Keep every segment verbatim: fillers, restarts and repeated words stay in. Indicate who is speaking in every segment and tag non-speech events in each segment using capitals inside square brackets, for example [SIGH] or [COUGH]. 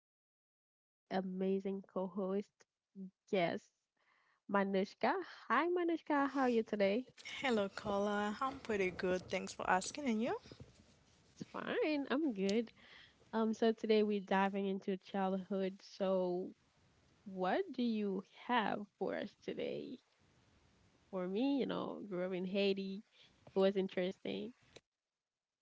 Speaker 1: I'm with my amazing co-host, yes, Manushka. Hi Manushka, how are you today? It's fine, I'm good. Um, so today we're diving into childhood. So what do you have for us today? For me, you know, grew up in Haiti. It was interesting.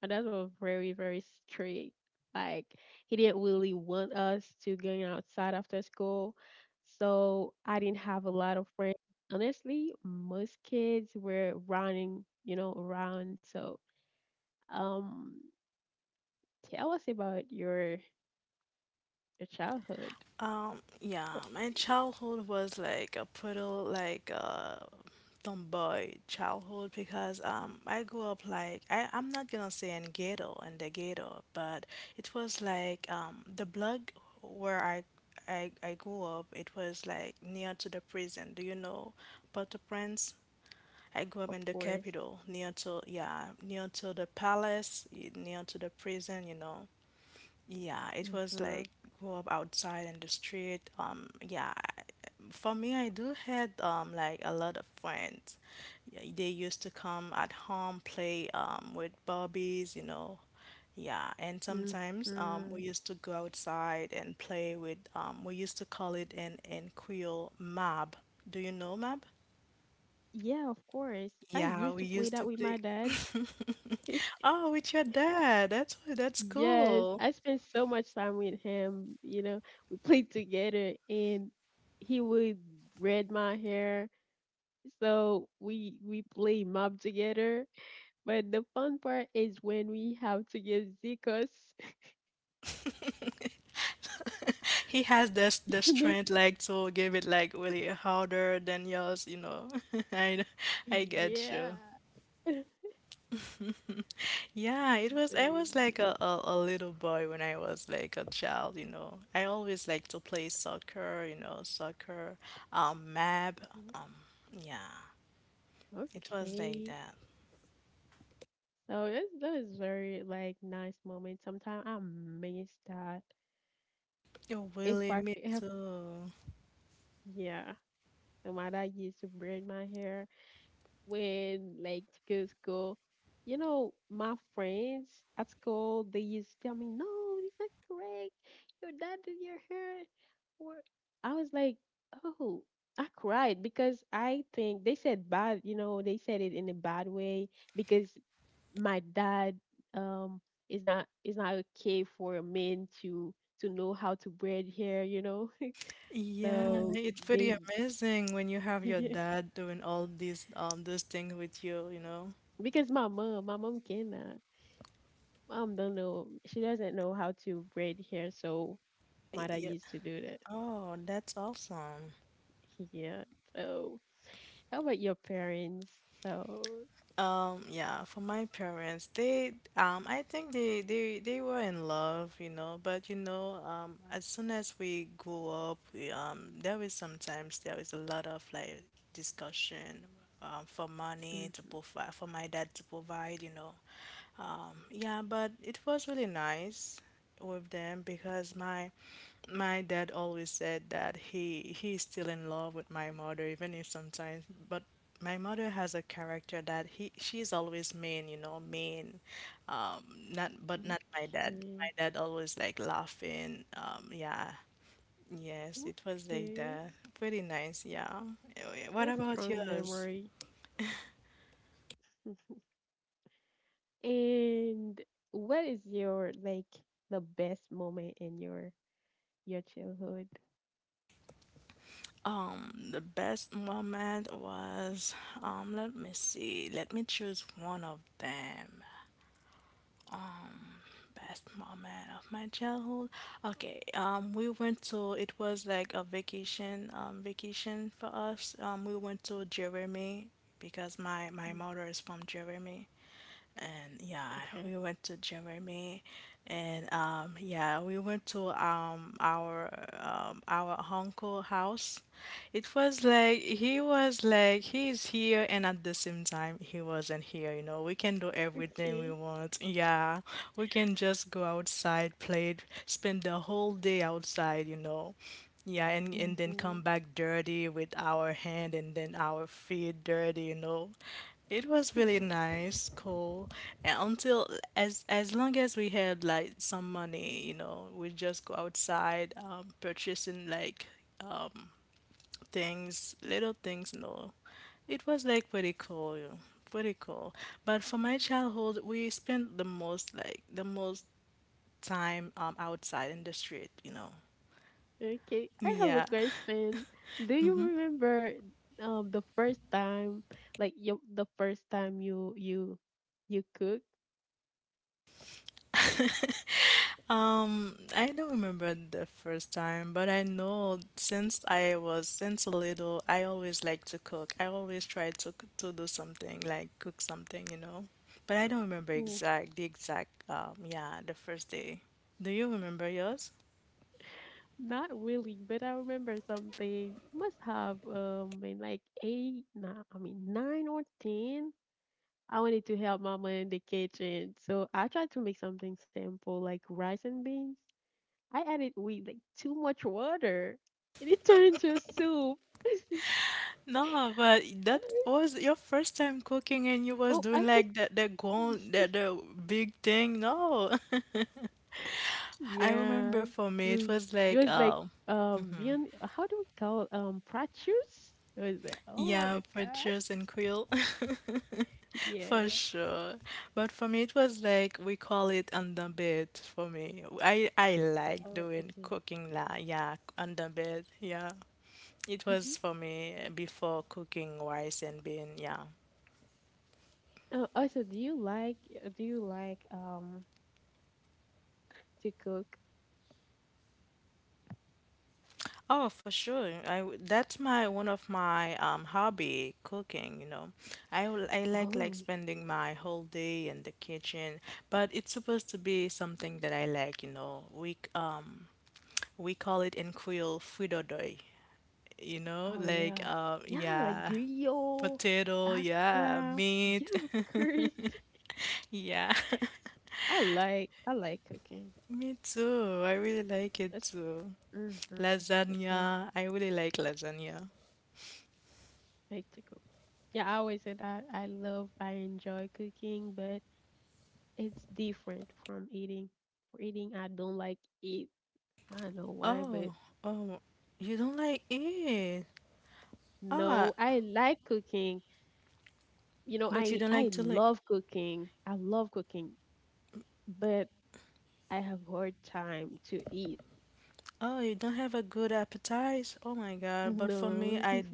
Speaker 1: And that was very, very strict. Like he didn't really want us to going outside after school. So I didn't have a lot of friends. Honestly, most kids were running, you know, around. So um tell us about your your childhood, eh, of course. Mm-hmm. Mm-hmm. Yeah, of course. I used to play that with my dad. [LAUGHS] Yes, I spent so much time with him. You know, we played together, and he would braid my hair. So we we play mob together. But the fun part is when we have to give Zikos. [LAUGHS] You know, yeah, [LAUGHS] very nice. Mhm. Okay, so that that is very like nice moment. Sometimes I miss that. If I could, have, yeah, so my dad used to braid my hair when like to go to school. You know, my friends at school they used to tell me, "No, this is not correct. Your dad did your hair." Or I was like, "Oh." I cried because I think they said bad, you know, they said it in a bad way because my dad um is not is not okay for a man to to know how to braid hair, you know. [LAUGHS] So they [LAUGHS] because my mom, my mom cannot. Mom don't know. She doesn't know how to braid hair, so Mother used to do that. [LAUGHS] Yeah. So how about your parents? So mhm, okay, okay, a strong memory. And what is your like the best moment in your your childhood? Mm, okay. Okay. Mm-hmm. Okay, I have a question. Do you remember um the first time, like you, the first time you you you cook? Mm, not really, but I remember something. Must have um been like eight, nine, I mean nine or ten. I wanted to help mama in the kitchen, so I tried to make something simple like rice and beans. I added wheat, like too much water, and it turned into a soup. [LAUGHS] Oh, I think yeah, mm, it was like um being how do we call um prat shoes? It was like oh my gosh, yeah. Oh, okay. Mhm. Oh, also, do you like uh, do you like um to cook? Oh, oh yeah, yeah, like grill, akra. Yeah, of course. I like I like cooking. That's mm-hmm. That's what I like to cook. Yeah, I always say that I love I enjoy cooking, but it's different from eating. For eating, I don't like eat. I don't know why, but no, I like cooking. You know, I I love cooking. I love cooking, but I have hard time to eat. No. [LAUGHS]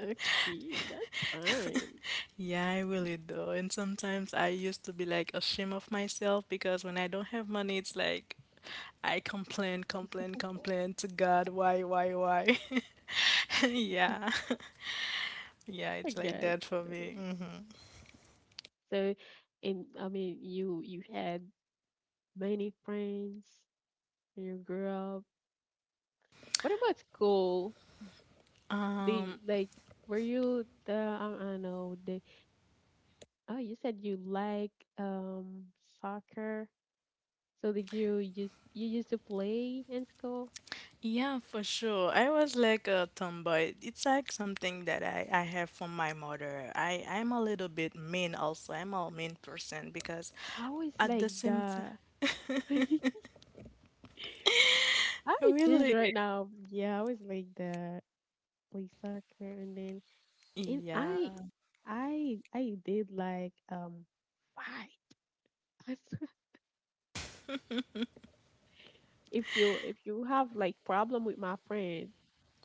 Speaker 1: Okay, that's fine. I got you. So, and I mean, you you had many friends when you grew up. What about school? The like, were you the I, I don't know the oh, you said you like um soccer. So did you used you used to play in school? I always like the [LAUGHS] I would change right now. Yeah, I always like the play soccer and then and I I I did like um fight. [LAUGHS] if you if you have like problem with my friend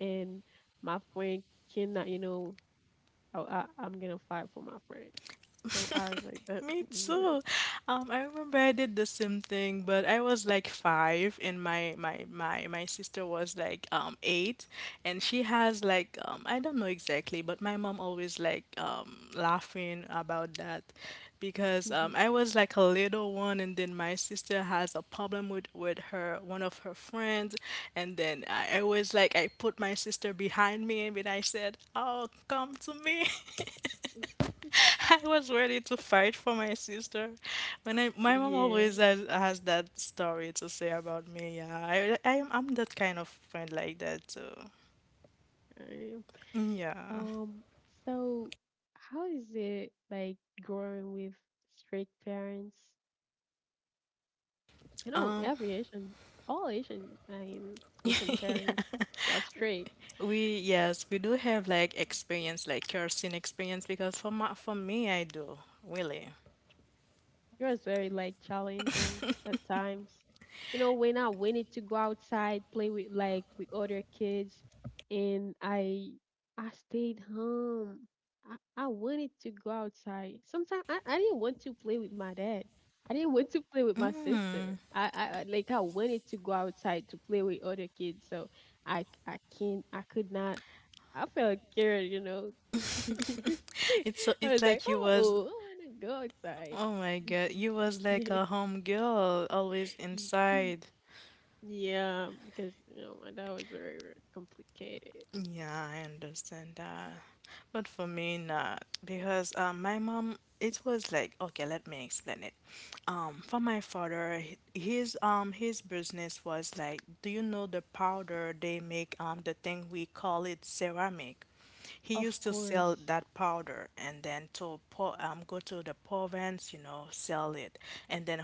Speaker 1: and my friend cannot, you know, I, I I'm gonna fight for my friend. So I was like that. [LAUGHS] Yeah. [LAUGHS] yeah. I Um. So, how is it like growing with strict parents? You know, every Asian, all Asian, I mean, Asian parents are strict. It was very like challenging at times. You know, when I wanted to go outside, play with like with other kids, and I I stayed home. I, I wanted to go outside. Sometimes I, I didn't want to play with my dad. I didn't want to play with my sister. I, I I- like I wanted to go outside to play with other kids. So I I can't I could not I felt scared, you know. [LAUGHS] I was like, oh, oh, I want to go outside. [LAUGHS] Yeah. y- mm, Yeah, because you know that was very, very complicated. Of course.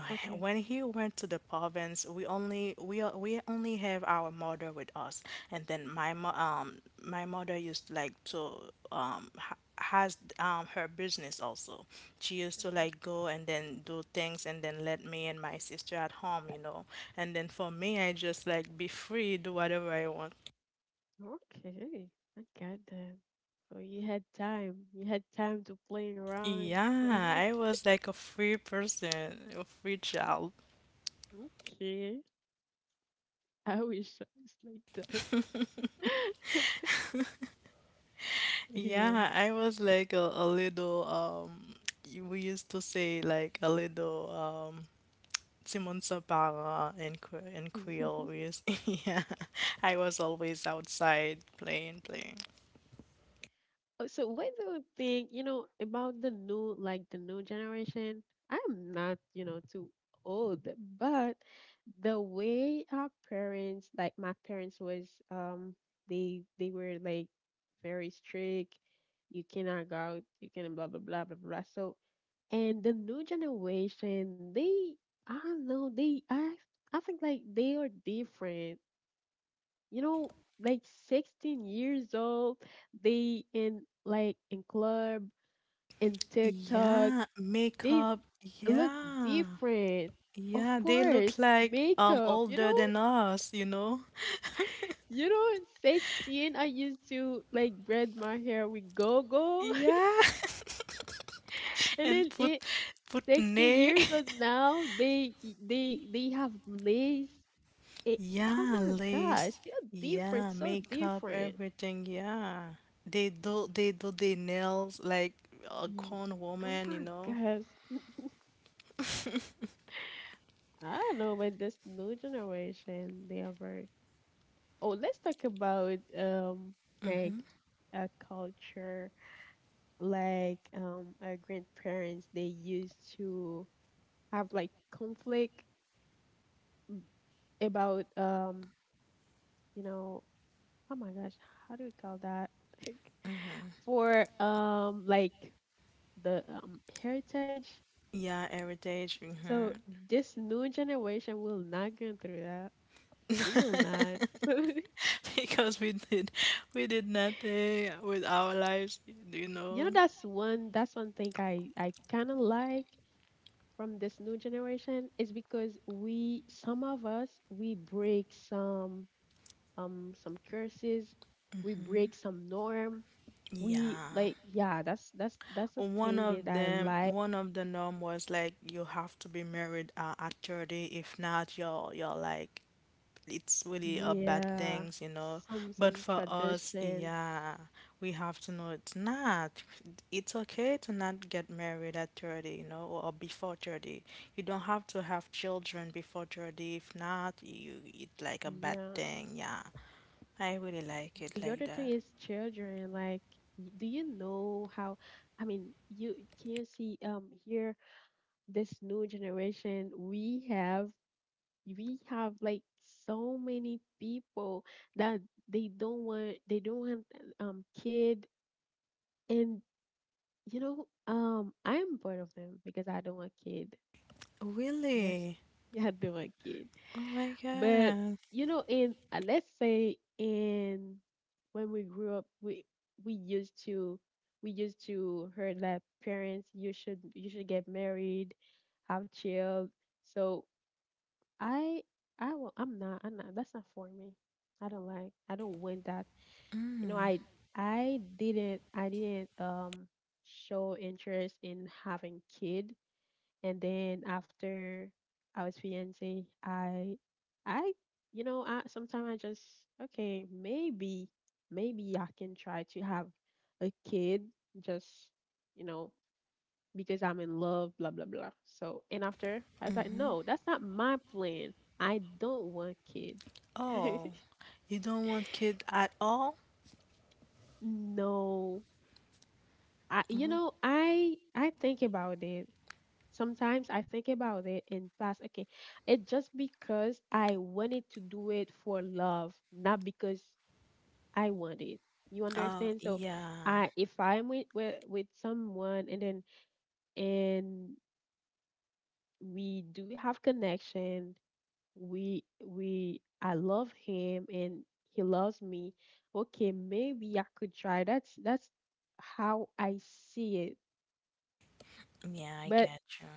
Speaker 1: Okay. Okay. Okay. I got that. So you had time. You had time to play around. So [LAUGHS] okay. I wish I was like that. [LAUGHS] yeah. [LAUGHS] Oh, so what do you think, you know, about the new, like the new generation? I'm not, you know, too old, but the way our parents, like my parents was, um, they they were like very strict. You cannot go out, you can blah blah blah blah blah. So and the new generation, they I don't know, they I I think like they are different, you know, like sixteen years old, they in like in club, in TikTok, they look different. Of course, makeup, you know, you know, in sixteen, I used to like braid my hair with go-go. [LAUGHS] And then it sixteen years old now, they they they have lace. It, oh my gosh, they're different, so different. Ye- Oh my gosh. I don't know, but this new generation, they are very. Oh, let's talk about um like a culture like um our grandparents they used to have like conflict about um you know oh my gosh how do we call that [LAUGHS] for um like the um heritage. So this new generation will not go through that. We will not. [LAUGHS] You know, that's one that's one thing I I kind of like from this new generation is because we some of us we break some um some curses, we break some norm. We like yeah, that's that's that's a thing that I like. Yeah, some some tradition. Yeah. The other thing is children. Like, y- do you know how? I mean, you can you see um here this new generation we have we have like so many people that they don't want they don't want um kid and you know um I'm part of them because I don't want kid I guess [LAUGHS] yeah I don't want kid but you know in uh, let's say in when we grew up we we used to we used to heard that parents you should you should get married have child so I I will I'm not I'm not that's not for me. I don't like I don't want that. You know, I I didn't I didn't um show interest in having kid and then after I was fiance I I you know I sometimes I just okay maybe maybe I can try to have a kid just you know because I'm in love, blah, blah, blah. So, and after, I was like, no, that's not my plan. I don't want kids. [LAUGHS] No. I, you know, I I think about it. Sometimes I think about it in past. Okay, it's just because I wanted to do it for love, not because I want it. You understand? So, I if I'm with with, with someone and then and we do have connection we we I love him and he loves me. Okay, maybe I could try. That's that's how I see it. But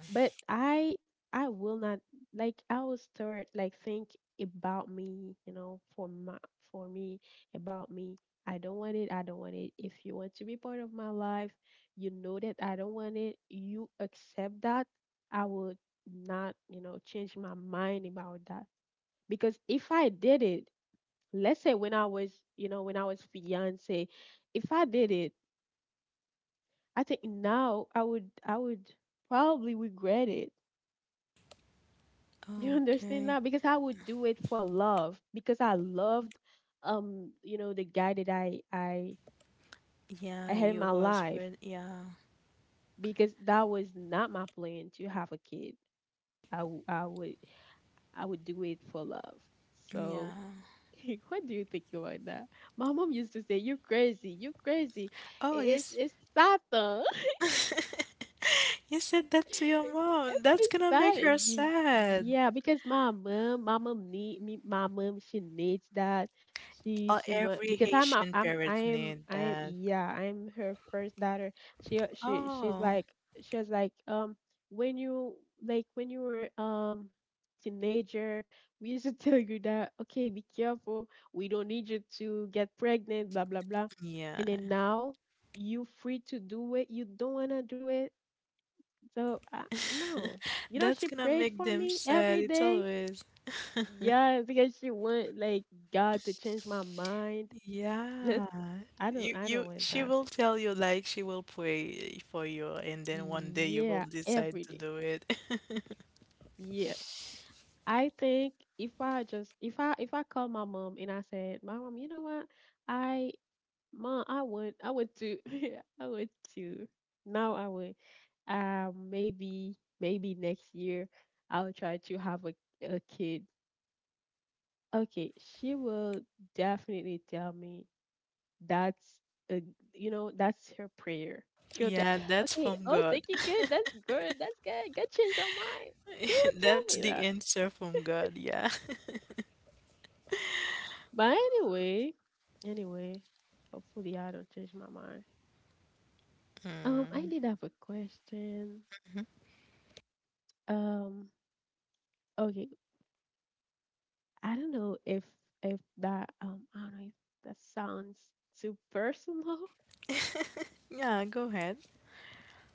Speaker 1: but I I will not like I will start like think about me, you know, for my for me, about me. I don't want it, I don't want it. If you want to be part of my life, you know that I don't want it, you accept that. I will not, you know, change my mind about that because if I did it, let's say when I was, you know, when I was fiance, if I did it, I think now I would I would probably regret it. [LAUGHS] You understand that? Because I would do it for love because I loved um, you know, the guy that I I I had in my life because that was not my plan to have a kid. I w- I would I would do it for love. So [LAUGHS] what do you think about that? My mom used to say, you crazy. You crazy. It's it's Satan." Apesar ye yeah, because my mom, my mom need me. My mom, she needs that. She she want because I'm a- I'm I am I am yeah I'm her first daughter. She uh, she she's like she was like um when you like when you were um teenager we used to [LAUGHS] tell you that okay be careful we don't need you to get pregnant blah blah blah and then now you free to do it you don't want to do it so, uh, no. You know, she prayed for me every day. Yeah, because she want like God to change my mind. [LAUGHS] That I don't I don't want that. Yeah, every day. Yeah. I think if I just if I if I call my mom and I said, Mom, you know what? I mom, I would I would to [LAUGHS] I would to now I would, um maybe maybe next year I'll try to have a a kid. Okay, she will definitely tell me, that's a, you know, that's her prayer. She'll tell, okay, oh, thank you, good, that's good, that's good, good, change your mind. She will tell me that. But anyway, anyway, hopefully I don't change my mind. Um, I did have a question. Um, okay, I don't know if if that, um I don't know if that sounds too personal.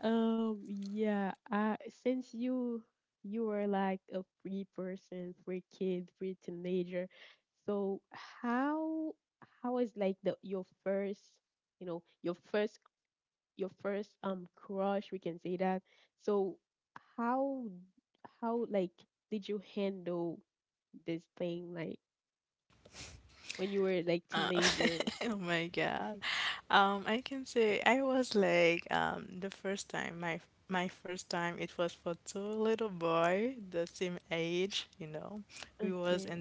Speaker 1: Um, yeah. I Since you you were like a free person, free kid, free teenager, so how how is like the your first, you know, your first your first um crush, we can say that. So how how like did you handle this thing, like when you were like teenager? Okay.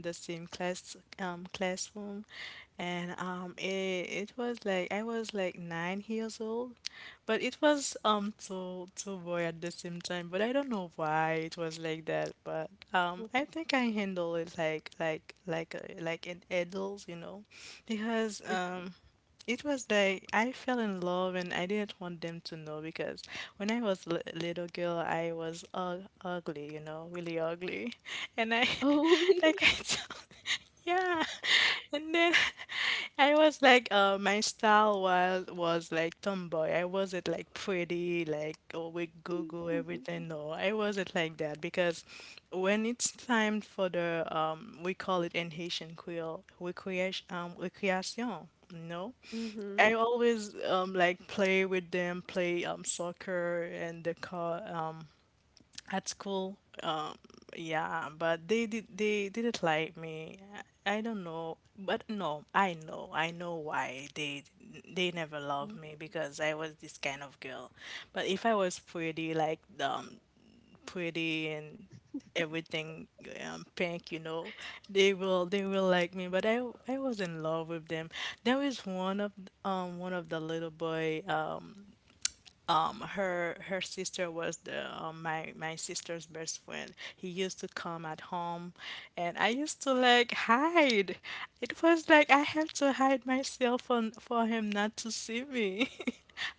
Speaker 1: [LAUGHS] Oh. [LAUGHS] Mhm.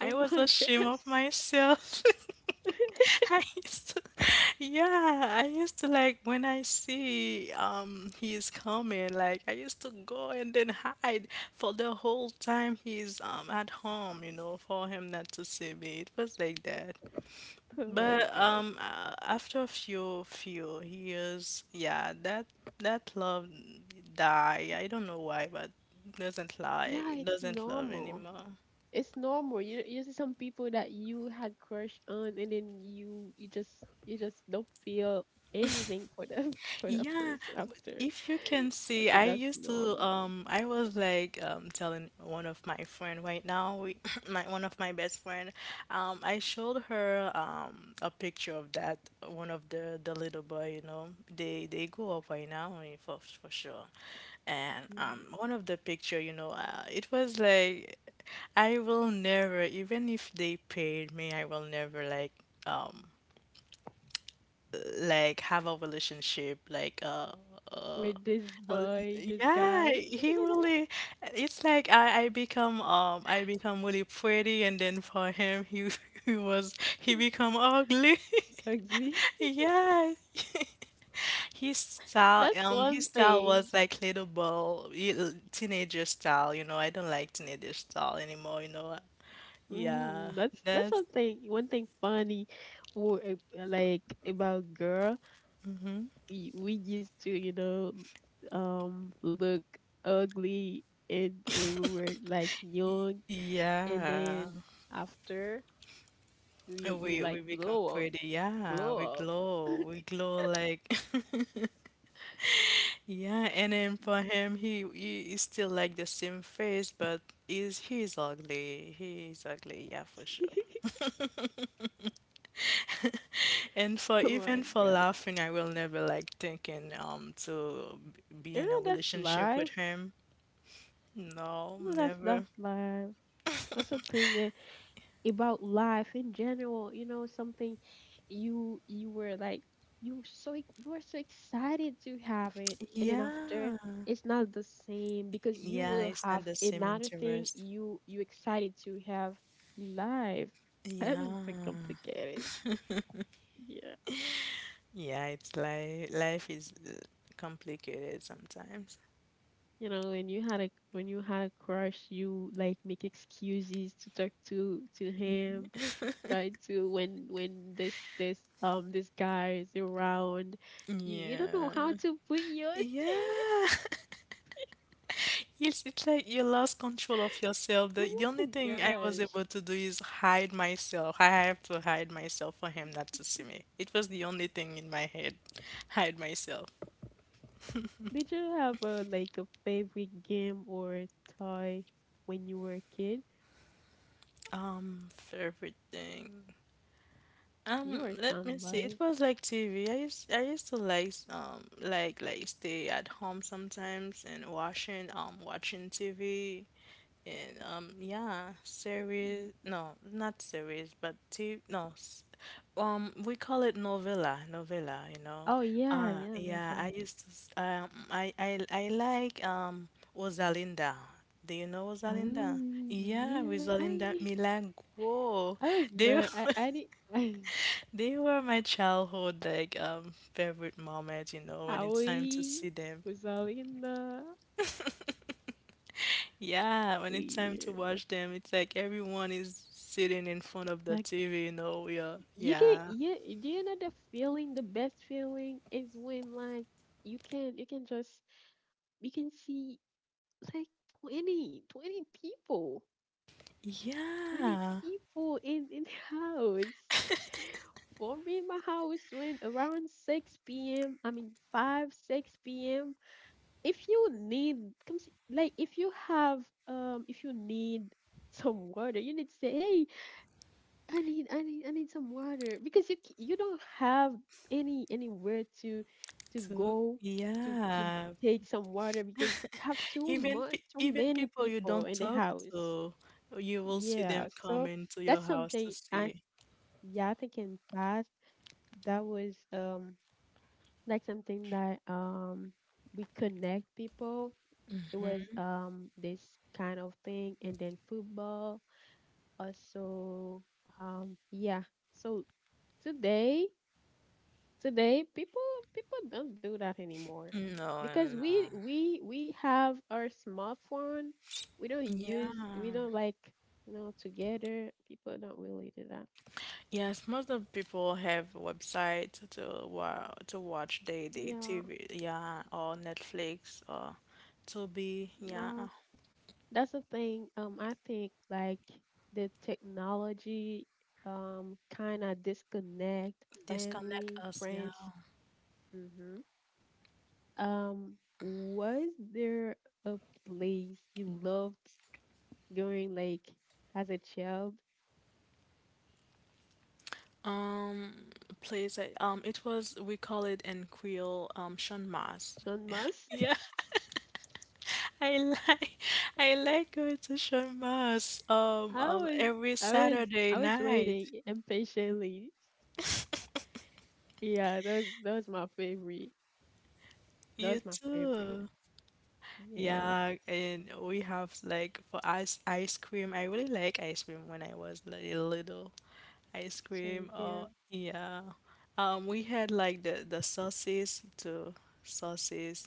Speaker 1: Oh my gosh. [LAUGHS] Oh my gosh. Yeah, it's normal. It's normal. You you see some people that you had crush on and then you you just you just don't feel anything for them [LAUGHS] for that person after. I think that's normal. Mhm. With this boy, this guy, [LAUGHS] ugly. That's one thing. Mm, that's that's one thing. One thing funny, or uh, like, about girl, y- we used to, you know, um, look ugly and when we were like young, and then after we we like glow up, glow up. [LAUGHS] Oh my god. You know that's life. You know that's that's life. That's a thing about life in general, you know. Something you you were like, you so ex- you were so excited to have it, and then after, it's not the same because you will have another thing you, you excited to have, live. [LAUGHS] That was so complicated. Yeah. You know, when you had a, when you had a crush, you like make excuses to talk to to him, try to, when when this, this um this guy is around, you you don't know how to put yours. [LAUGHS] Oh my gosh. Did you have a, like, a favorite game or toy when you were a kid? You were a tomboy. Mm. Oh yeah, yeah, no problem. Oh yeah, I, [LAUGHS] I was not, i i didn't. [LAUGHS] I was all in the, yeah. Like, you can, you do, you know the feeling, the best feeling is when like you can, you can just you can see like twenty twenty people, twenty people in in the house. For me, my house went around six p m. I mean five, six p m. If you need, come see. Like if you have, um if you need some water, you need to say, hey, I need I need I need some water, because you, c- you don't have any, anywhere to to go, to to take some water, because you have too much, too many people in the house. Yeah, so that's something I, yeah, I think in past, that was, um like, something that, um we connect people. It was, um this kind of thing, and then football also. um yeah. So today, today people, people don't do that anymore, because we we we have our smartphone. We don't use, we don't, like, you know, together, people don't really do that. Yeah. No, that's the thing. um I think, like, the technology, um kind of disconnect family, friends. Mm-hmm. um was there a place you loved going, like, as a child? Sean Moss. [LAUGHS] I was, I was, I was waiting impatiently. Yeah, that was, that was my favorite. That was my favorite. Yeah. Same here.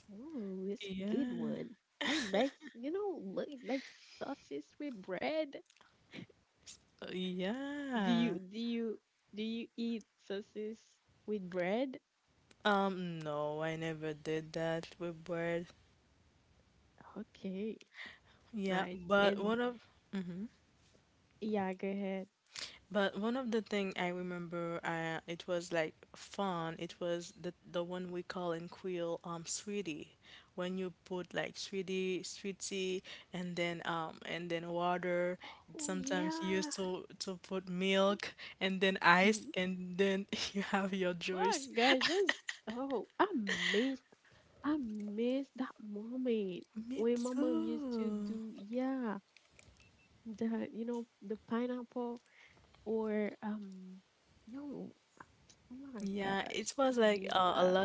Speaker 1: Ooh, it's a good one. I like, you know, li- like sauces with bread. Do you do you do you eat sauces with bread? Okay, nice. And yeah, go ahead. Oh yeah. Ye- Wow, guys, that's, oh, amazing. I miss that moment when my mom used to do, yeah, the, you know, the pineapple, or, um, no, oh my gosh, I miss that.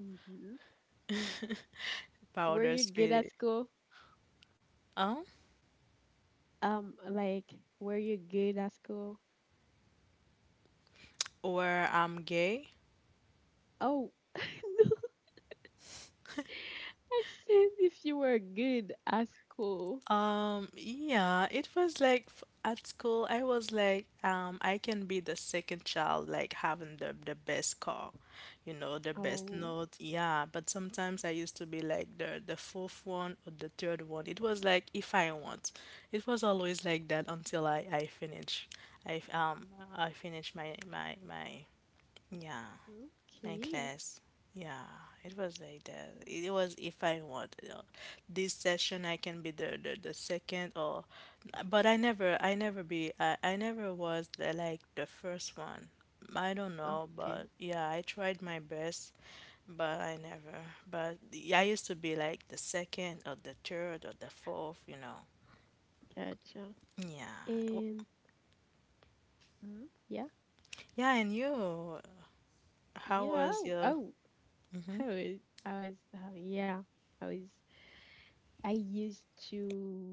Speaker 1: Mm-hmm. Were you good at school? Um, like, were you good at school? Oh, [LAUGHS] no, I said if you were good at school. Oh, okay, okay, gotcha. And, mm, yeah, yeah, oh, oh. I was, I was, uh, yeah, I was. I used to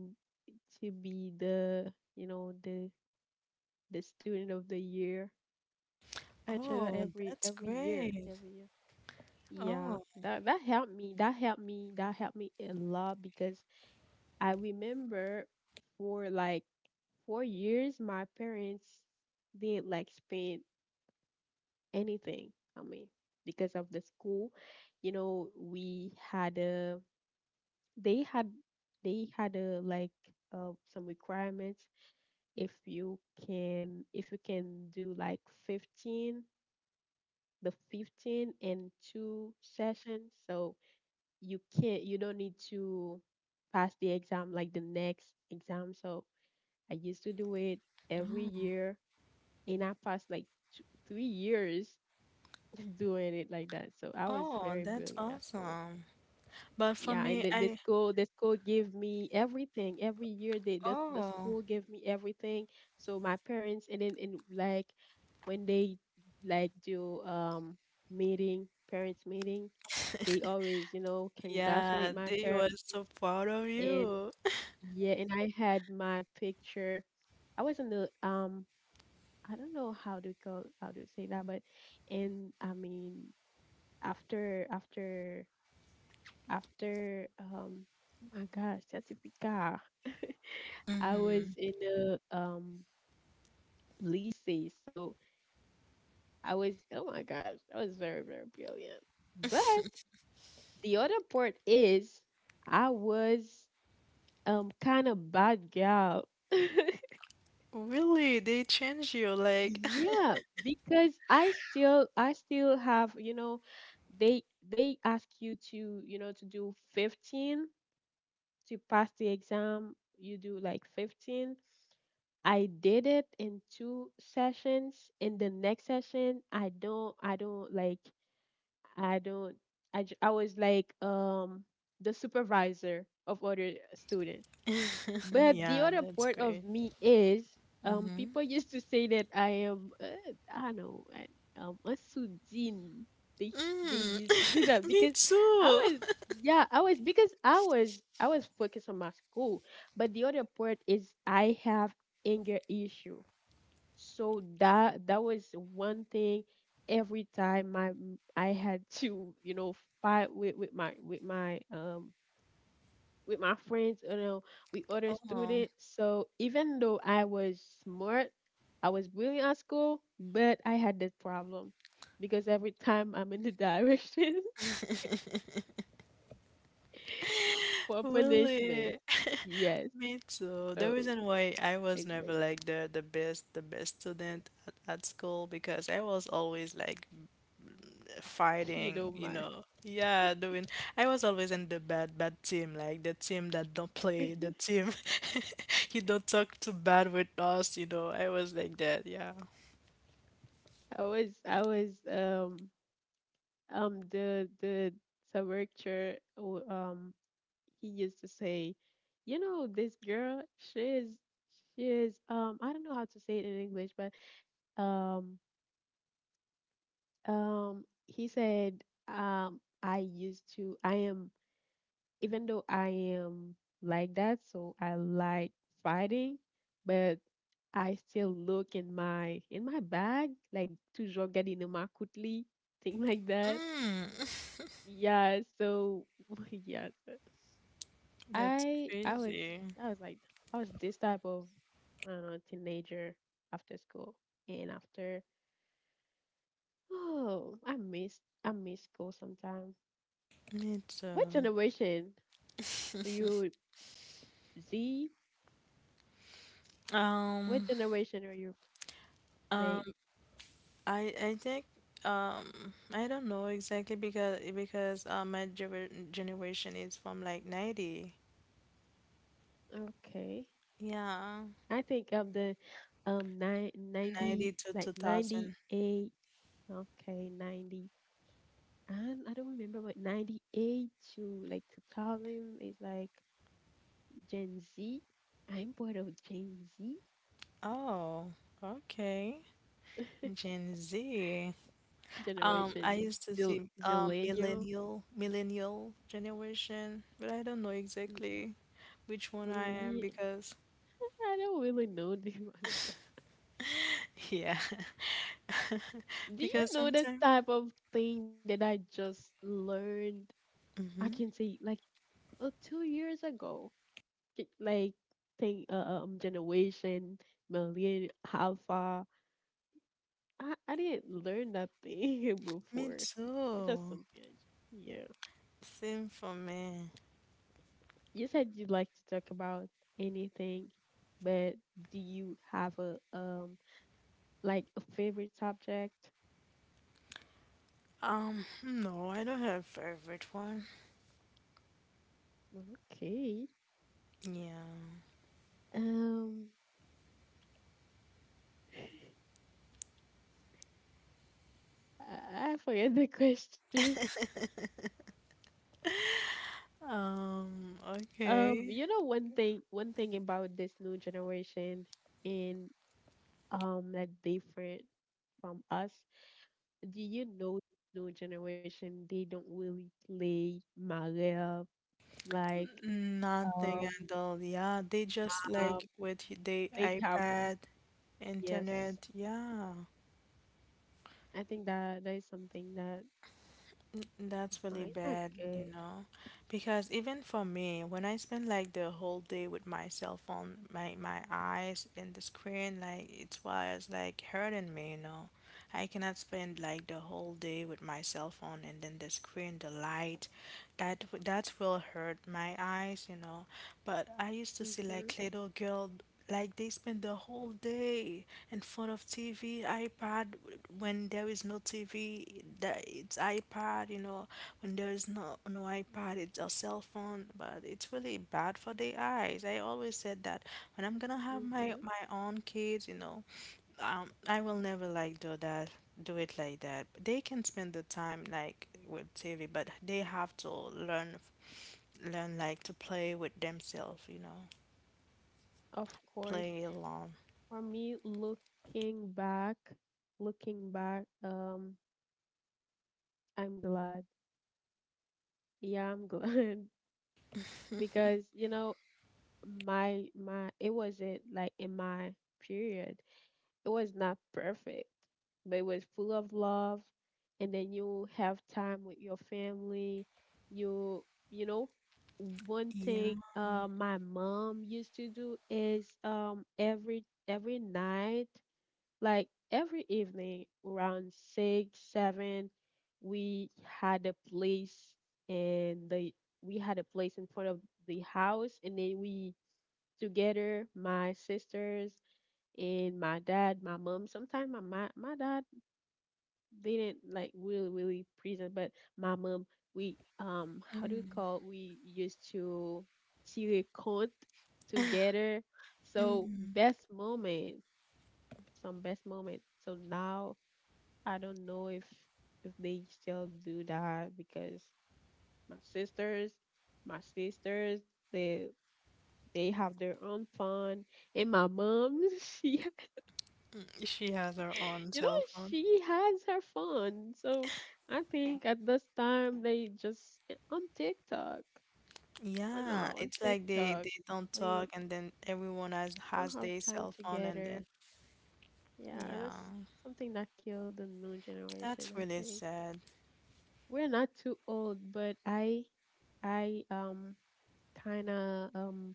Speaker 1: to be the, you know, the the student of the year. Actually, every every year, every year. Yeah, that that helped me. That helped me. That helped me a lot, because I remember, for like four years, my parents didn't like spend anything on me, because of the school. You know, we had a, they had they had a, like, uh, some requirements. If you can, if you can do like fifteen, the fifteen and two sessions, so you can't, you don't need to pass the exam, like the next exam. So I used to do it every year, and I passed like two, three years [LAUGHS] doing it like that. So I was very brilliant at school. Yeah, and the, the school the school gave me everything every year. They the the school gave me everything. So my parents, and then, and, like, when they like do, um meeting, parents meeting, they always, you know, congratulate my parents, and yeah. And I had my picture. I was in the, um I don't know how to call, how to say that, but, and I mean, after after after, um. Oh my gosh, certificate. I was in the, um lycée. So I was, oh my gosh, I was very very brilliant. But the other part is, I was, um kind of bad girl. [LAUGHS] Yeah, because I still, I still have, you know, they they ask you to, you know, to do fifteen to pass the exam. You do like fifteen. I did it in two sessions. In the next session, I don't, I don't, like, I don't, I, j- I was like, um the supervisor of other students. But the other part of me is, um people [LAUGHS] used to say that I am, uh, I don't know, I, um a Sujin. They they used to do that because I was, yeah, I was, because I was I was focused on my school. But the other part is I have anger issue. So that that was one thing. Every time, my m- I had to, you know, fight with, with my, with my, um with my friends, you know, with other students. So even though I was smart, I was brilliant at school, but I had that problem, because every time I'm in the direction [LAUGHS] for punishment. Yes. So it's like, [LAUGHS] you know, my, [LAUGHS] I was, i was um um the the Saber, w- um he used to say, you know, this girl, she is, she is um I don't know how to say it in English, but, um um he said, um I used to, I am, even though I am like that, so I like fighting, but I still look in my, in my bag, like, toujours garder dans ma coutely, [LAUGHS] thing like that. Yeah, so [LAUGHS] yeah, so I I was, I was like, I was this type of, I don't know, teenager, after school. And after, oh, I miss, I miss school sometime. What generation are you, Z? What generation are you like? Okay, I think I'm the, um nine ninety, like ninety eight. Okay, ninety. And I don't remember what, ninety eight to like two thousand, is like Gen Z. I'm part of Gen Z [LAUGHS] generation, Zil Zillennial. Mm, mm, yeah. I don't really know them [LAUGHS] as well. Do you know this type of thing that I just learned? I can say, like, uh, two years ago, K- like, thing, uh, um generation, millennial, alpha, I, I didn't learn nothing [LAUGHS] before. It's just something. I j- yeah. You said you'd like to talk about anything, but do you have a, um like, a favorite subject? Okay. Um, [LAUGHS] I, I forget the [LAUGHS] question. Um, you know, one thing, one thing about this new generation, and, um that different from us. Do you know this new generation? They don't really play Mario, like, um, um they have, yes. I think that that is something that, uh, is not good. Mhm. Mhm. Of course. For me, looking back, looking back, um, I'm glad. Yeah, I'm glad [LAUGHS] because you know, my, my it wasn't like, in my period, it was not perfect, but it was full of love. And then you have time with your family. You you know, one thing, uh my mom used to do is, um every every night, like every evening, around six, seven, we had a place, and the, we had a place in front of the house, and then we, together, my sisters and my dad, my mom. Sometimes my, my my dad didn't like really really present, but my mom, we um how do we call it? We used to see a count together. So best moment, some best moment. So now I don't know if if they still do that because my sisters, my sisters, they they have their own fun and my mom [LAUGHS] she [LAUGHS] you know she has her fun. So I think at this time they just eh, on TikTok. We're now on TikTok. We don't have time together. Yeah, that's something that killed the new generation. I think we're not too old, but i i um kind of um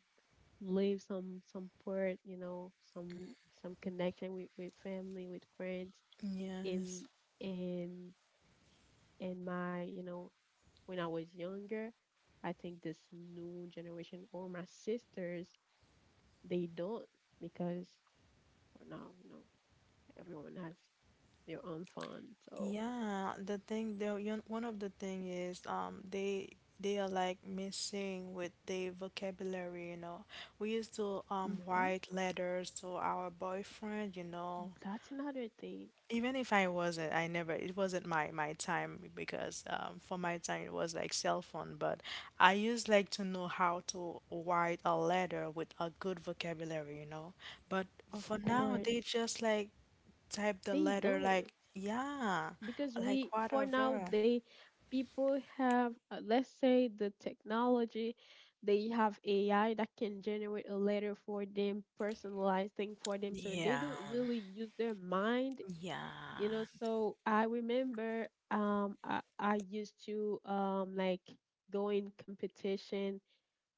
Speaker 1: leave some some part, you know some some connection with with family, with friends, in in in my, you know when I was younger, I think this new generation or my sisters, they don't, because for now, you know, everyone has their own fun. So hmm that's another thing. Of course, they don't, because we for now they people have uh, let's say the technology, they have AI that can generate a letter for them, personalized thing for them, so they don't really use their mind, you know. So I remember um i, I used to um like go in competition,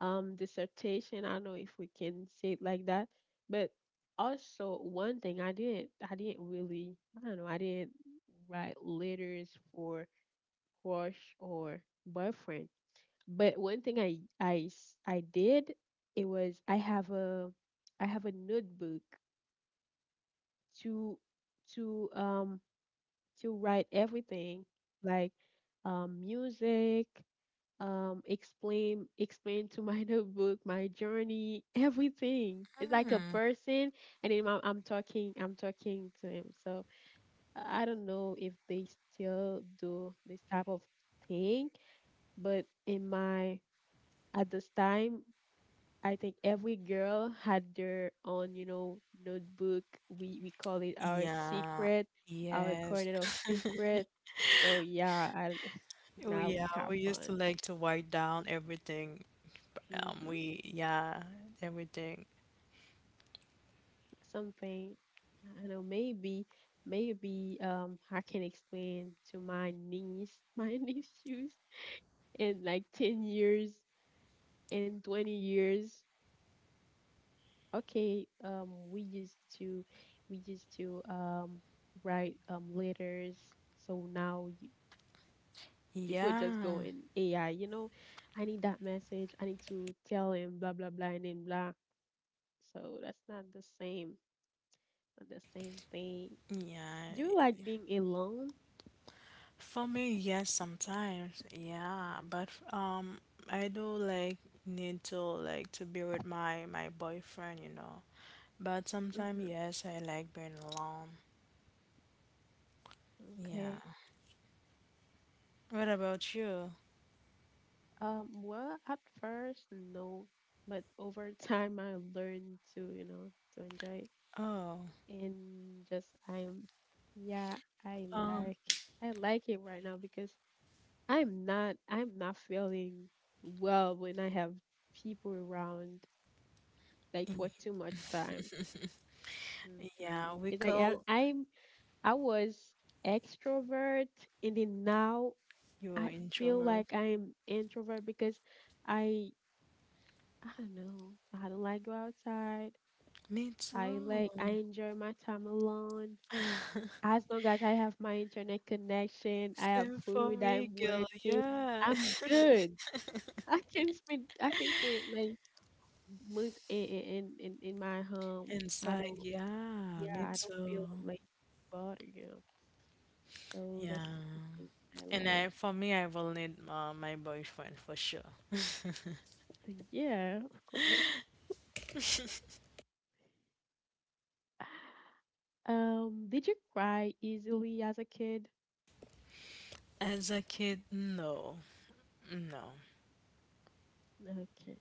Speaker 1: um dissertation, I don't know if we can say it like that. But also one thing, i didn't i didn't really, I don't know, I didn't write letters for crush or boyfriend, but one thing i i s- i did, it was, I have a I have a notebook to to um to write everything, like um, music, um, explain explain to my [LAUGHS] notebook my journey, everything. It's like a person, and then I'm, I'm talking, I'm talking to him. So I I don't know if they still do this type of thing, but in my, at this time, I think every girl had their own, you know, notebook. We we call it our secret, our corner of secret. So yeah, I, [LAUGHS] now we have fun. hmm Something, I don't know. Maybe maybe um I can explain to my niece [LAUGHS] my niece shoes in like ten years and twenty years. Okay, um, we used to we used to um write um letters. So now you, people just go in A I, you know, I need that message, I need to tell him blah blah blah and then blah. So that's not the same, not the same thing. Do you like being alone? Mm-hmm. Okay. Um, well, at first, no, but over [LAUGHS] time I learned to, you know, to enjoy it. And just I'm, yeah, I like, I like it right now because I'm not I'm not feeling well when I have people around like for too much time. hmm It's like I, I'm, I was extrovert and then now I feel like I'm introvert because I, I don't know, I don't like go outside. I like I enjoy my time alone. As long as I have my internet connection, I have food, I'm working, I'm good. I can spend I can spend like months in in in, in my home. I don't, yeah, I don't feel like bothered, you know. So that's the thing that I like. So yeah, of course. [SIGHS] Um, did you cry easily as a kid? Okay.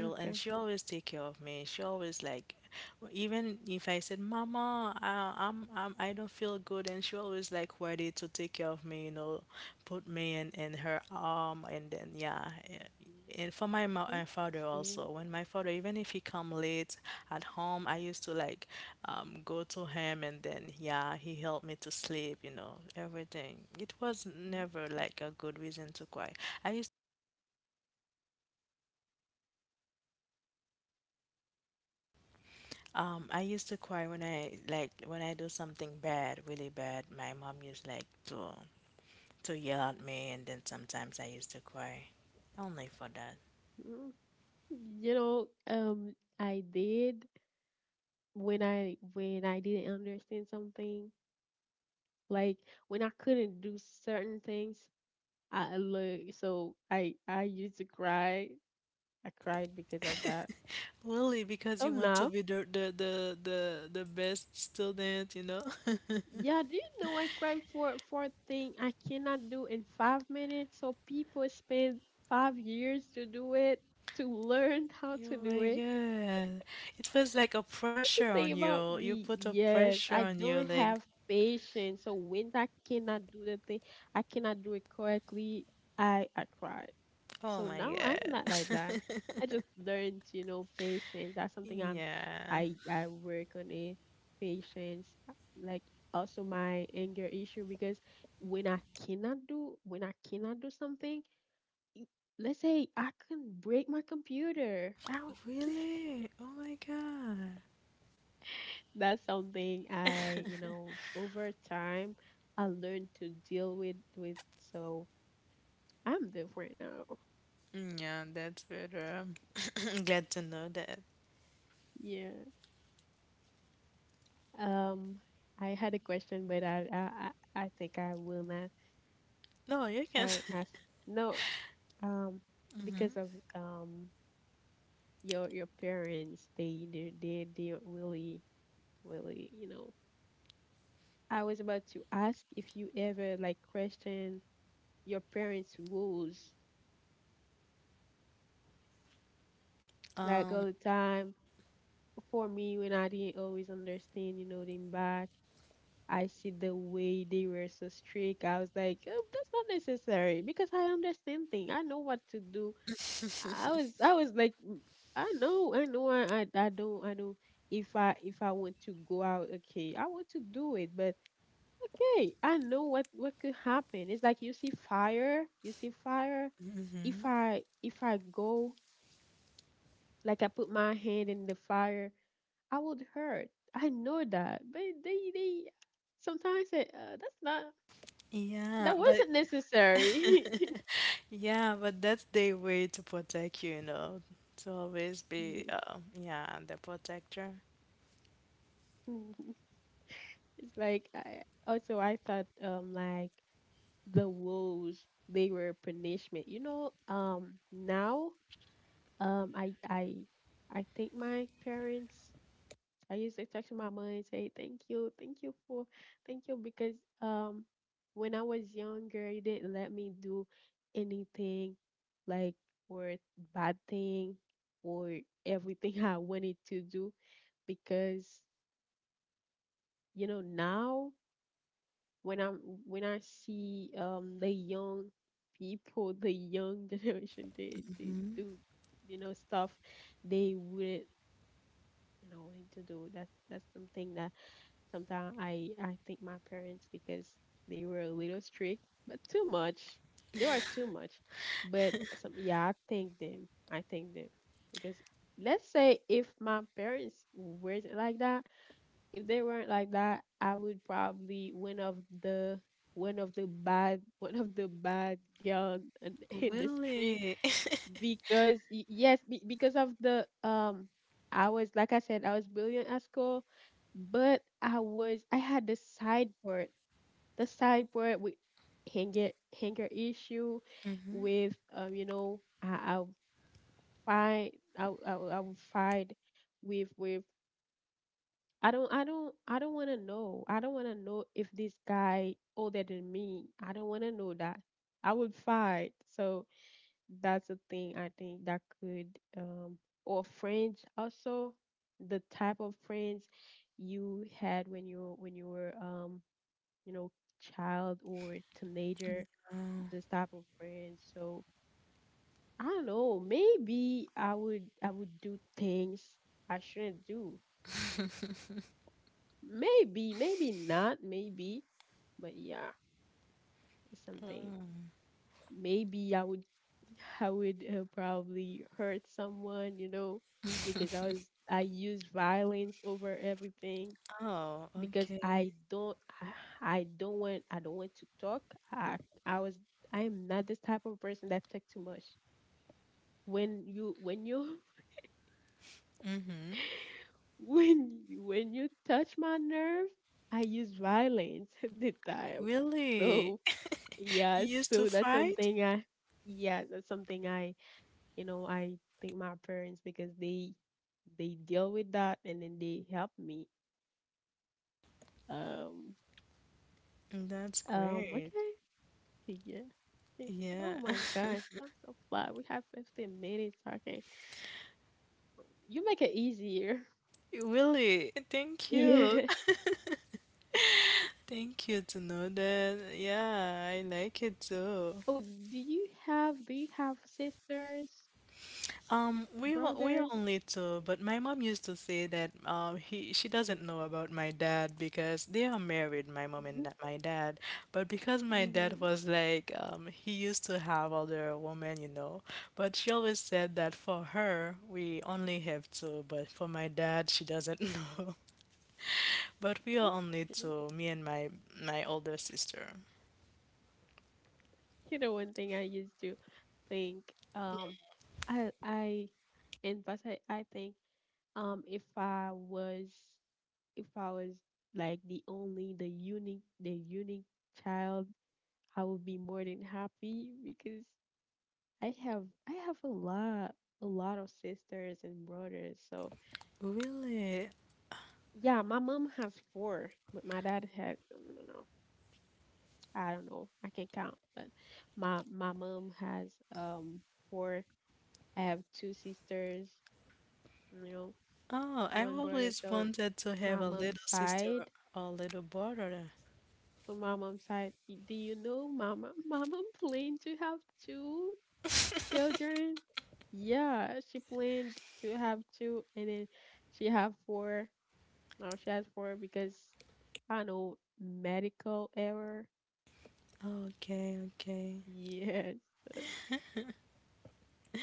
Speaker 1: Okay. Mm, see, okay.
Speaker 2: Um, I used to cry when I like when I do something bad, really bad. My mom used like to to yell at me, and then sometimes I used to cry, only for that.
Speaker 1: Mm, you know, um, I did. When I when I didn't understand something, like when I couldn't do certain things, I look so I I used to cry. I cried because of that.
Speaker 2: Really, because
Speaker 1: So
Speaker 2: you want to
Speaker 1: now,
Speaker 2: be the the the the, the best student, you know. [LAUGHS]
Speaker 1: yeah, do you know I cried for for a thing I cannot do in five minutes? So people spend five years to do it, to learn how to
Speaker 2: Oh
Speaker 1: do
Speaker 2: my
Speaker 1: it.
Speaker 2: God, it was like a
Speaker 1: That's the
Speaker 2: pressure on
Speaker 1: thing about
Speaker 2: you. You
Speaker 1: me.
Speaker 2: put a
Speaker 1: Yes,
Speaker 2: pressure
Speaker 1: I
Speaker 2: on you,
Speaker 1: don't
Speaker 2: like
Speaker 1: have patience. So when I cannot do the thing, I cannot do it correctly, I I cry.
Speaker 2: oh
Speaker 1: So
Speaker 2: my
Speaker 1: now I'm not like
Speaker 2: God.
Speaker 1: that.
Speaker 2: [LAUGHS]
Speaker 1: I just learned, you know, patience. That's something I'm,
Speaker 2: Yeah.
Speaker 1: I I work on it. Patience, like also my anger issue, because when I cannot do when I cannot do something, let's say, I can break my computer out. [LAUGHS]
Speaker 2: Really? Oh my God.
Speaker 1: That's something I, you know, over time I learned to deal with, with so I'm different now.
Speaker 2: Yeah, that's better. I'm glad to know that.
Speaker 1: Yeah. Um I had a question but I I I I think I will not
Speaker 2: No, you can.
Speaker 1: uh, ask.
Speaker 2: [LAUGHS]
Speaker 1: No, um
Speaker 2: hmm
Speaker 1: because of um your your parents, they they they, they really really, you know. I was about to ask if you ever like question your parents' rules like
Speaker 2: Um.
Speaker 1: all the time. For me, when I didn't always understand, you know, them back, I see the way they were so strict. I was like, oh, that's not necessary, because I understand things, I know what to do. I was, I was like, "Mm, I know, I know, I, I, I don't, I don't. If I, if I want to go out, okay, I want to do it, but okay, I know what what could happen. It's like you see fire, you see fire. If
Speaker 2: hmm
Speaker 1: I, if I go, like I put my hand in the fire, I would hurt. I know that, but they they sometimes say, uh, that's not,
Speaker 2: Yeah,
Speaker 1: that
Speaker 2: but
Speaker 1: wasn't necessary." [LAUGHS]
Speaker 2: yeah, but that's their way to protect you, you know, to always
Speaker 1: Yeah.
Speaker 2: be, um, yeah, the protector.
Speaker 1: Mhm. It's like I, also I thought um like the woes, they were punishment. You know, um now, um I I I think my parents, I used to talk to my mom and say, "Thank you, thank you for, thank you," because um, when I was younger, you didn't let me do anything, like, or bad thing, or everything [LAUGHS] I wanted to do, because you know now when I'm, when I see um the young people, the young [LAUGHS] generation, they they
Speaker 2: Hmm
Speaker 1: do, you know, stuff they wouldn't, you know, need to do. That's that's something that, sometimes I I thank my parents, because they were a little strict, but too much. They were too much, but some, yeah, I thank them. I thank them because, let's say if my parents weren't like that, if they weren't like that, I would probably, one of the one of the bad [LAUGHS] one of the bad girl in in the street,
Speaker 2: Really?
Speaker 1: because y- yes be- because of the, um I was, like I said, I was brilliant at school, but I was, I had the side part, the side part with hanger, hanger issue
Speaker 2: [LAUGHS] hmm
Speaker 1: with, um you know, I I'll fight. i would- i, would- I will fight with, with I don't, i don't i don't want to know, i don't want to know if this guy older than me, I don't want to know that, I would fight. So that's a thing, I think that could, um or friends, also the type of friends you had when you, when you were, um you know, child or teenager,
Speaker 2: Oh,
Speaker 1: this type of friends. So I don't know, maybe I would, I would do things I shouldn't do. Maybe, maybe not, maybe, but yeah, it's something, maybe I would, I would uh, probably hurt someone, you know, because I was, I use violence over everything,
Speaker 2: oh,
Speaker 1: because
Speaker 2: okay.
Speaker 1: I don't, I, I don't want, I don't want to talk. I I was I am not this type of person that talk too much. When you, when you
Speaker 2: hmm
Speaker 1: [LAUGHS] when you, when you touch my nerve, I use violence [LAUGHS] at the time.
Speaker 2: Really?
Speaker 1: So
Speaker 2: [LAUGHS] You
Speaker 1: yeah,
Speaker 2: used to
Speaker 1: so that's
Speaker 2: fight?
Speaker 1: something I, yeah, that's something I, you know, I think my parents, because they they deal with that, and then they help me. um
Speaker 2: That's
Speaker 1: um
Speaker 2: great.
Speaker 1: okay. [LAUGHS] Yeah, think.
Speaker 2: Yeah.
Speaker 1: Oh
Speaker 2: [LAUGHS]
Speaker 1: my gosh, I'm so flat, we have fifteen minutes. Okay, you make it easier.
Speaker 2: Really? Thank
Speaker 1: [LAUGHS]
Speaker 2: you.
Speaker 1: Yeah.
Speaker 2: [LAUGHS] Thank you to know that. Yeah, I like it too.
Speaker 1: Oh, do you have, do you have sisters,
Speaker 2: Um, we all, we all
Speaker 1: brothers?
Speaker 2: need to, but my mom used to say that uh, he she doesn't know about my dad because they are married, my mom and
Speaker 1: hmm
Speaker 2: da- my dad. But because my dad
Speaker 1: hmm.
Speaker 2: was like um, he used to have other women, you know. But she always said that for her we only have two, but for my dad she doesn't [LAUGHS] know. But we are only
Speaker 1: Okay,
Speaker 2: two, me and my my older sister.
Speaker 1: you know, one thing I used to think, um I I in fact, i, I think, Um, if I was, if I was like the only, the unique, the unique child, I would be more than happy, because I have, I have a lot, a lot of sisters and brothers. So
Speaker 2: Really?
Speaker 1: yeah, my mom has four, but my dad has, no, no, no, no, I don't know, I can't count. But my my mom has um four. I have two sisters, you know,
Speaker 2: Oh, I
Speaker 1: one brother.
Speaker 2: always
Speaker 1: So
Speaker 2: wanted to
Speaker 1: my
Speaker 2: have a
Speaker 1: mom's
Speaker 2: little sister
Speaker 1: side.
Speaker 2: or little brother.
Speaker 1: To my mom's side. "Y- Do you know, mama? [LAUGHS] Mama planned to have two children. Yeah, she planned to have two, and then she have four. Now she has four because I know medical error."
Speaker 2: Okay, okay.
Speaker 1: Yes,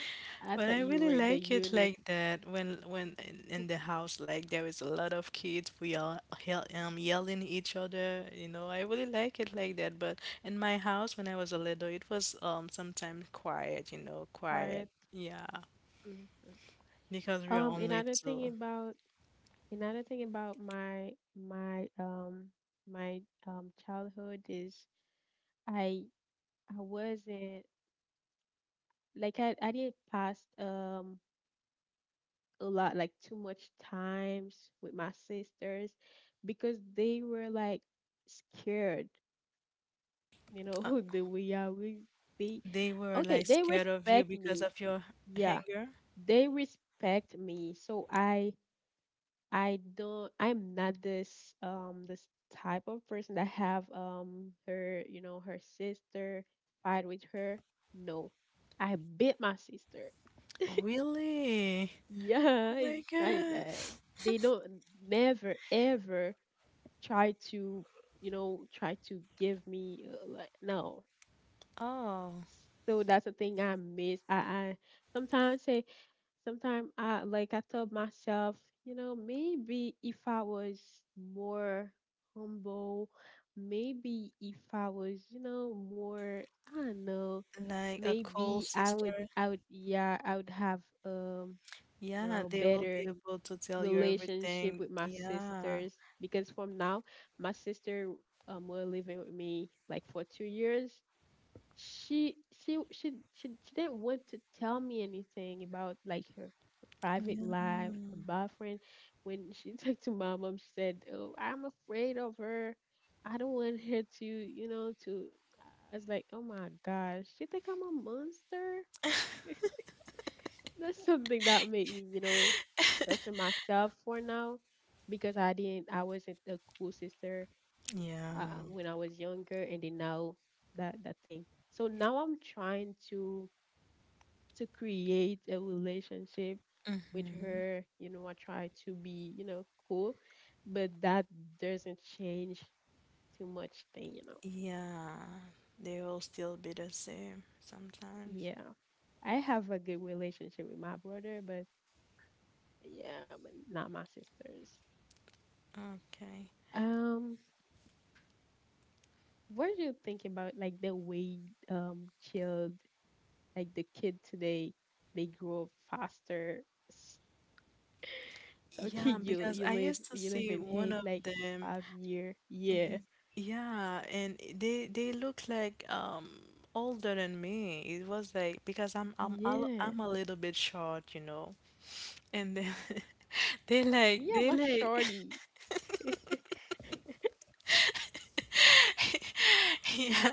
Speaker 1: [LAUGHS] I
Speaker 2: But
Speaker 1: thought
Speaker 2: I
Speaker 1: you
Speaker 2: really
Speaker 1: were the
Speaker 2: like it
Speaker 1: unique
Speaker 2: like that when when in, in the house like there is a lot of kids we are yell, um, yelling each other, you know. I really like it like that. But in my house when I was a little, it was um sometimes quiet, you know,
Speaker 1: part.
Speaker 2: quiet. Yeah,
Speaker 1: Mhm.
Speaker 2: because we are
Speaker 1: Um,
Speaker 2: only
Speaker 1: another thing
Speaker 2: two.
Speaker 1: about another thing about my my um my um childhood is I I wasn't like I, I did pass um a lot, like too much times with my sisters because they were like scared, you know,
Speaker 2: Uh,
Speaker 1: [LAUGHS] the way I would be.
Speaker 2: they were
Speaker 1: Okay,
Speaker 2: like
Speaker 1: they
Speaker 2: scared of you
Speaker 1: respect
Speaker 2: because
Speaker 1: me,
Speaker 2: of your
Speaker 1: yeah,
Speaker 2: hanger.
Speaker 1: they respect me, so I I don't, I'm not this um this type of person that have um her, you know, her sister fight with her. No, I beat my sister.
Speaker 2: Really?
Speaker 1: Yeah,
Speaker 2: Oh my
Speaker 1: it's like
Speaker 2: God.
Speaker 1: that. They don't never ever try to, you know, try to give me uh, like, no.
Speaker 2: Oh,
Speaker 1: So that's the thing I miss. I, I sometimes say, sometimes I like I told myself, you know, maybe if I was more humble, maybe if I was, you know, more, I don't know,
Speaker 2: like a cool
Speaker 1: maybe I would
Speaker 2: sister.
Speaker 1: I would yeah, I would have um you
Speaker 2: Yeah,
Speaker 1: know,
Speaker 2: they will be
Speaker 1: better
Speaker 2: able to tell you
Speaker 1: relationship
Speaker 2: everything.
Speaker 1: with my
Speaker 2: Yeah.
Speaker 1: sisters, because from now my sister um were living with me like for two years. She she she she, she didn't want to tell me anything about like her private
Speaker 2: Yeah.
Speaker 1: life, her boyfriend. When she [LAUGHS] talked to my mom, she said, "Oh, I'm afraid of her. I don't want her to, you know, to." I was like, "Oh my gosh, she think I'm a monster." That's something that made me, you know, question myself for now, because I didn't, I wasn't a cool sister uh,
Speaker 2: Yeah.
Speaker 1: when I was younger, and then now that that thing. So now I'm trying to to create a relationship with her. You know, I try to be, you know, cool, but that doesn't change too much thing. You know,
Speaker 2: Yeah. They will still be the same sometimes.
Speaker 1: yeah. I have a good relationship with my brother, but yeah, but not my sisters.
Speaker 2: Okay.
Speaker 1: Um, What do you think about like the way um child like the kid today, they grow up faster? S- So [LAUGHS] okay,
Speaker 2: Yeah,
Speaker 1: you
Speaker 2: because
Speaker 1: you
Speaker 2: I
Speaker 1: live
Speaker 2: used to
Speaker 1: you live
Speaker 2: see
Speaker 1: in
Speaker 2: one
Speaker 1: Haiti
Speaker 2: of
Speaker 1: like
Speaker 2: them.
Speaker 1: five year. Yeah.
Speaker 2: y- Yeah, and they they look like um older than me. It was like because I'm I'm al-
Speaker 1: Yeah.
Speaker 2: I'm a little bit short, you know. And then [LAUGHS] they like
Speaker 1: Yeah,
Speaker 2: they
Speaker 1: my
Speaker 2: like
Speaker 1: shorty. [LAUGHS]
Speaker 2: [LAUGHS] yeah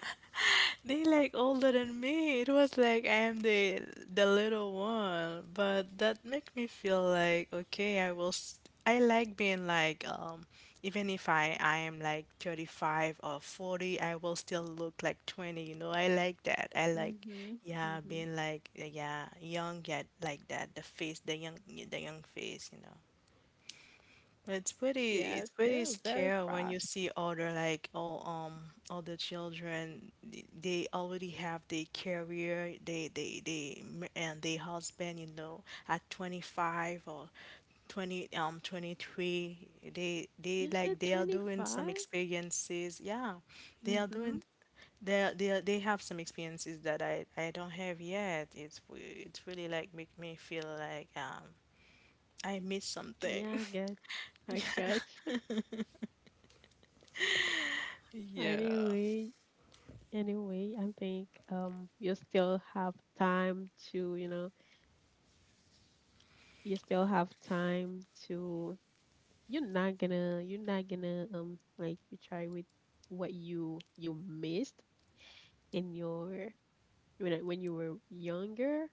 Speaker 2: they like older than me. It was like I am the the little one, but that make me feel like okay I will s I like being like um even if i i am like thirty-five or forty, I will still look like twenty, you know. I like that. I like
Speaker 1: Mhm.
Speaker 2: yeah
Speaker 1: Mhm.
Speaker 2: being like yeah young yet like that, the face, the young the young face, you know. But it's pretty,
Speaker 1: Yes,
Speaker 2: it's pretty
Speaker 1: they're very
Speaker 2: scary when you
Speaker 1: fast.
Speaker 2: see other like all um other children. th- They already have their career, they they they m- and their husband. You know, at twenty-five or twenty um twenty-three, they they
Speaker 1: You
Speaker 2: like
Speaker 1: said
Speaker 2: they are doing some
Speaker 1: twenty-five?
Speaker 2: experiences. Yeah, they are
Speaker 1: Mhm.
Speaker 2: doing they they are- they have some experiences that I I don't have yet. It's w- it's really like make me feel like um I miss something.
Speaker 1: Yeah, I got you. I got you. [LAUGHS]
Speaker 2: [LAUGHS] Yeah.
Speaker 1: Anyway, anyway, I think um you still have time to, you know, you still have time to, you're not gonna, you're not gonna um like try with what you you missed in your when I- when you were younger,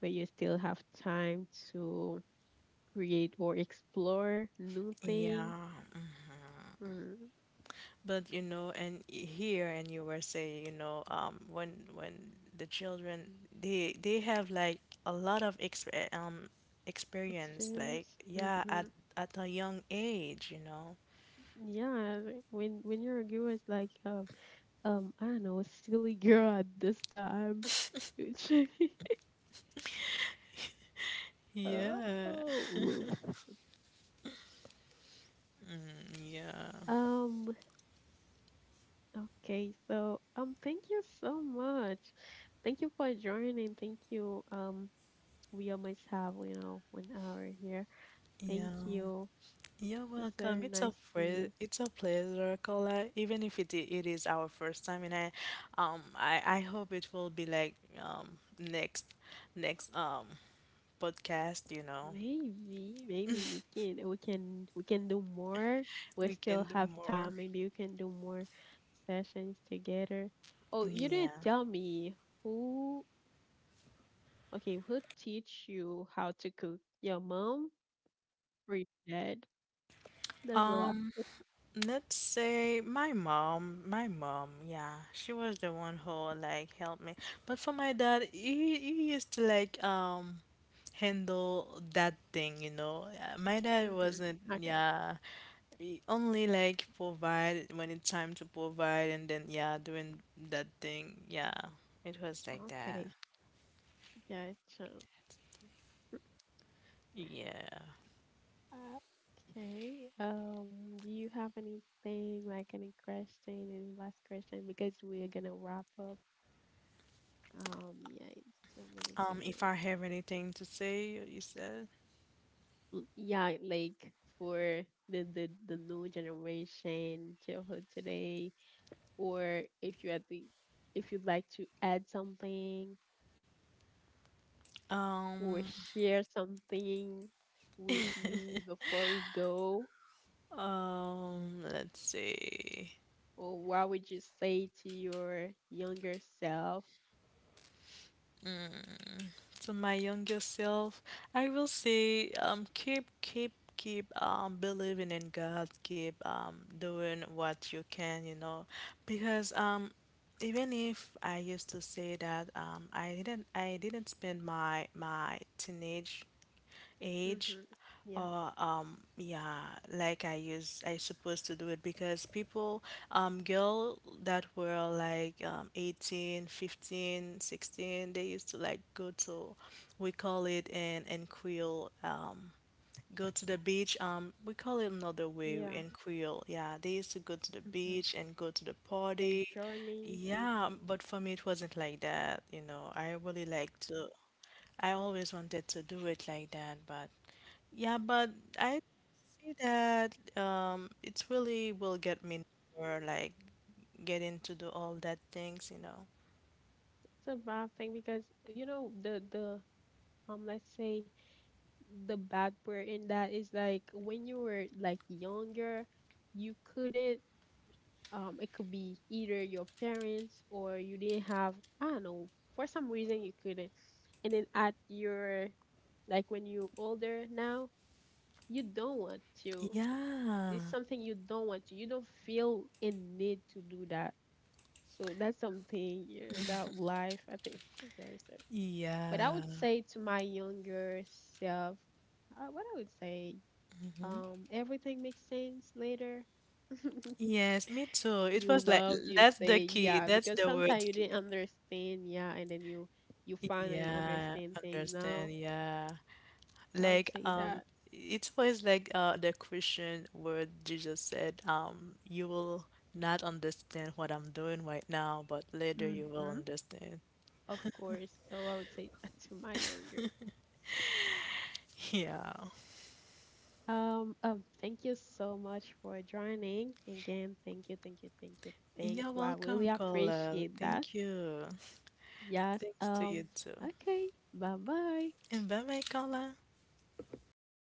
Speaker 1: but you still have time to create or explore new thing,
Speaker 2: Yeah,
Speaker 1: mm,
Speaker 2: but you know, and here in U S A, you know, um, when when the children they they have like a lot of exp eh, um experience, like
Speaker 1: experience. Hmm.
Speaker 2: yeah, at at a young age, you know.
Speaker 1: Yeah, when when you're a girl, it's like um um, I don't know, a silly girl at this time. Which, [LAUGHS]
Speaker 2: Yeah,
Speaker 1: oh,
Speaker 2: yeah,
Speaker 1: um, okay, so um, thank you so much. Thank you for joining. Thank you. Um, we almost have, you know, one hour here. Thank
Speaker 2: yeah.
Speaker 1: you.
Speaker 2: You're
Speaker 1: It's
Speaker 2: welcome.
Speaker 1: very
Speaker 2: It's a
Speaker 1: nice to
Speaker 2: pre
Speaker 1: you.
Speaker 2: it's a pleasure, Kola. Even if it i- it is our first time, and I, um, I I hope it will be like um next next um podcast, you know.
Speaker 1: Maybe, maybe we
Speaker 2: [LAUGHS]
Speaker 1: can, we can, we can do more. We
Speaker 2: We
Speaker 1: still
Speaker 2: can do
Speaker 1: have
Speaker 2: more.
Speaker 1: time. Maybe we can do more sessions together. Oh, you didn't
Speaker 2: Yeah.
Speaker 1: tell me who. Okay, who teach you how to cook? Your mom or your dad? That's the last
Speaker 2: Um, let's say my mom, my mom, yeah, she was the one who like helped me. But for my dad, he, he used to like um handle that thing, you know. Yeah, my dad
Speaker 1: question. Hmm.
Speaker 2: wasn't,
Speaker 1: Okay.
Speaker 2: yeah, he only like provide when it's time to provide and then yeah, doing that thing. Yeah. It was like that.
Speaker 1: Okay. Gotcha.
Speaker 2: Yeah.
Speaker 1: Uh, Okay. Um, do you have anything like any question, any last question? Because we're gonna wrap up. Um, yeah, in two minutes we're
Speaker 2: Um,
Speaker 1: gonna wrap
Speaker 2: if I have
Speaker 1: up.
Speaker 2: anything to say, you said.
Speaker 1: L- Yeah, like for the the the new generation, childhood today, or if you at the, if you'd like to add something or
Speaker 2: Um,
Speaker 1: share something with me before we go?
Speaker 2: Um, let's see.
Speaker 1: Or what would you say to your younger self?
Speaker 2: To my younger self, I will say, um, keep, keep, keep, um, believing in God. Keep, um, doing what you can, you know, because, um, even if I used to say that, um, I didn't, I didn't spend my my teenage age
Speaker 1: Mm-hmm. Yeah,
Speaker 2: or um yeah like i use I supposed to do it because people um girl that were like um eighteen, fifteen, sixteen, they used to like go to, we call it in in creole um, go to the beach, um we call it another way
Speaker 1: yeah.
Speaker 2: in creole, yeah they used to go to the
Speaker 1: Mm-hmm.
Speaker 2: beach and go to the
Speaker 1: Like
Speaker 2: party.
Speaker 1: journey.
Speaker 2: Yeah,
Speaker 1: Mm-hmm.
Speaker 2: but for me it wasn't like that, you know, I really like to, I always wanted to do it like that, but yeah, but I see that um, it really will get me more like getting to do all that things, you know.
Speaker 1: It's a bad thing, because you know the the um let's say the bad part in that is like when you were like younger, you couldn't, um it could be either your parents or you didn't have, I don't know, for some reason you couldn't, and then at your, like when you're older now, you don't want to.
Speaker 2: Yeah,
Speaker 1: It's something you don't want to. You don't feel in need to do that. So that's something, yeah, about life. I think [LAUGHS] that's very sad. But I would
Speaker 2: yeah,
Speaker 1: say to my younger self, uh, what I would say, um, everything makes sense later.
Speaker 2: yes, me too. It
Speaker 1: You
Speaker 2: was like
Speaker 1: loved, you
Speaker 2: that's
Speaker 1: say
Speaker 2: the key,
Speaker 1: yeah,
Speaker 2: that's
Speaker 1: because
Speaker 2: the
Speaker 1: sometimes
Speaker 2: word
Speaker 1: you
Speaker 2: key.
Speaker 1: didn't understand, yeah, and then you you finally
Speaker 2: Yeah,
Speaker 1: understand things now.
Speaker 2: understand. Yeah,
Speaker 1: I would
Speaker 2: like,
Speaker 1: say
Speaker 2: um,
Speaker 1: that.
Speaker 2: it was like uh, the question where Jesus said, um, you will not understand what I'm doing right now, but later you will
Speaker 1: Hmm.
Speaker 2: understand.
Speaker 1: Of course. So I would say that to my younger.
Speaker 2: [LAUGHS] Yeah.
Speaker 1: Um, um, thank you so much for joining. Again, thank you, thank you, thank you, thank
Speaker 2: You're
Speaker 1: you. I really
Speaker 2: welcome, Carla.
Speaker 1: appreciate that.
Speaker 2: Thank you.
Speaker 1: Yes.
Speaker 2: Thanks to
Speaker 1: Um,
Speaker 2: you too.
Speaker 1: okay. Bye bye.
Speaker 2: And bye bye, Carla.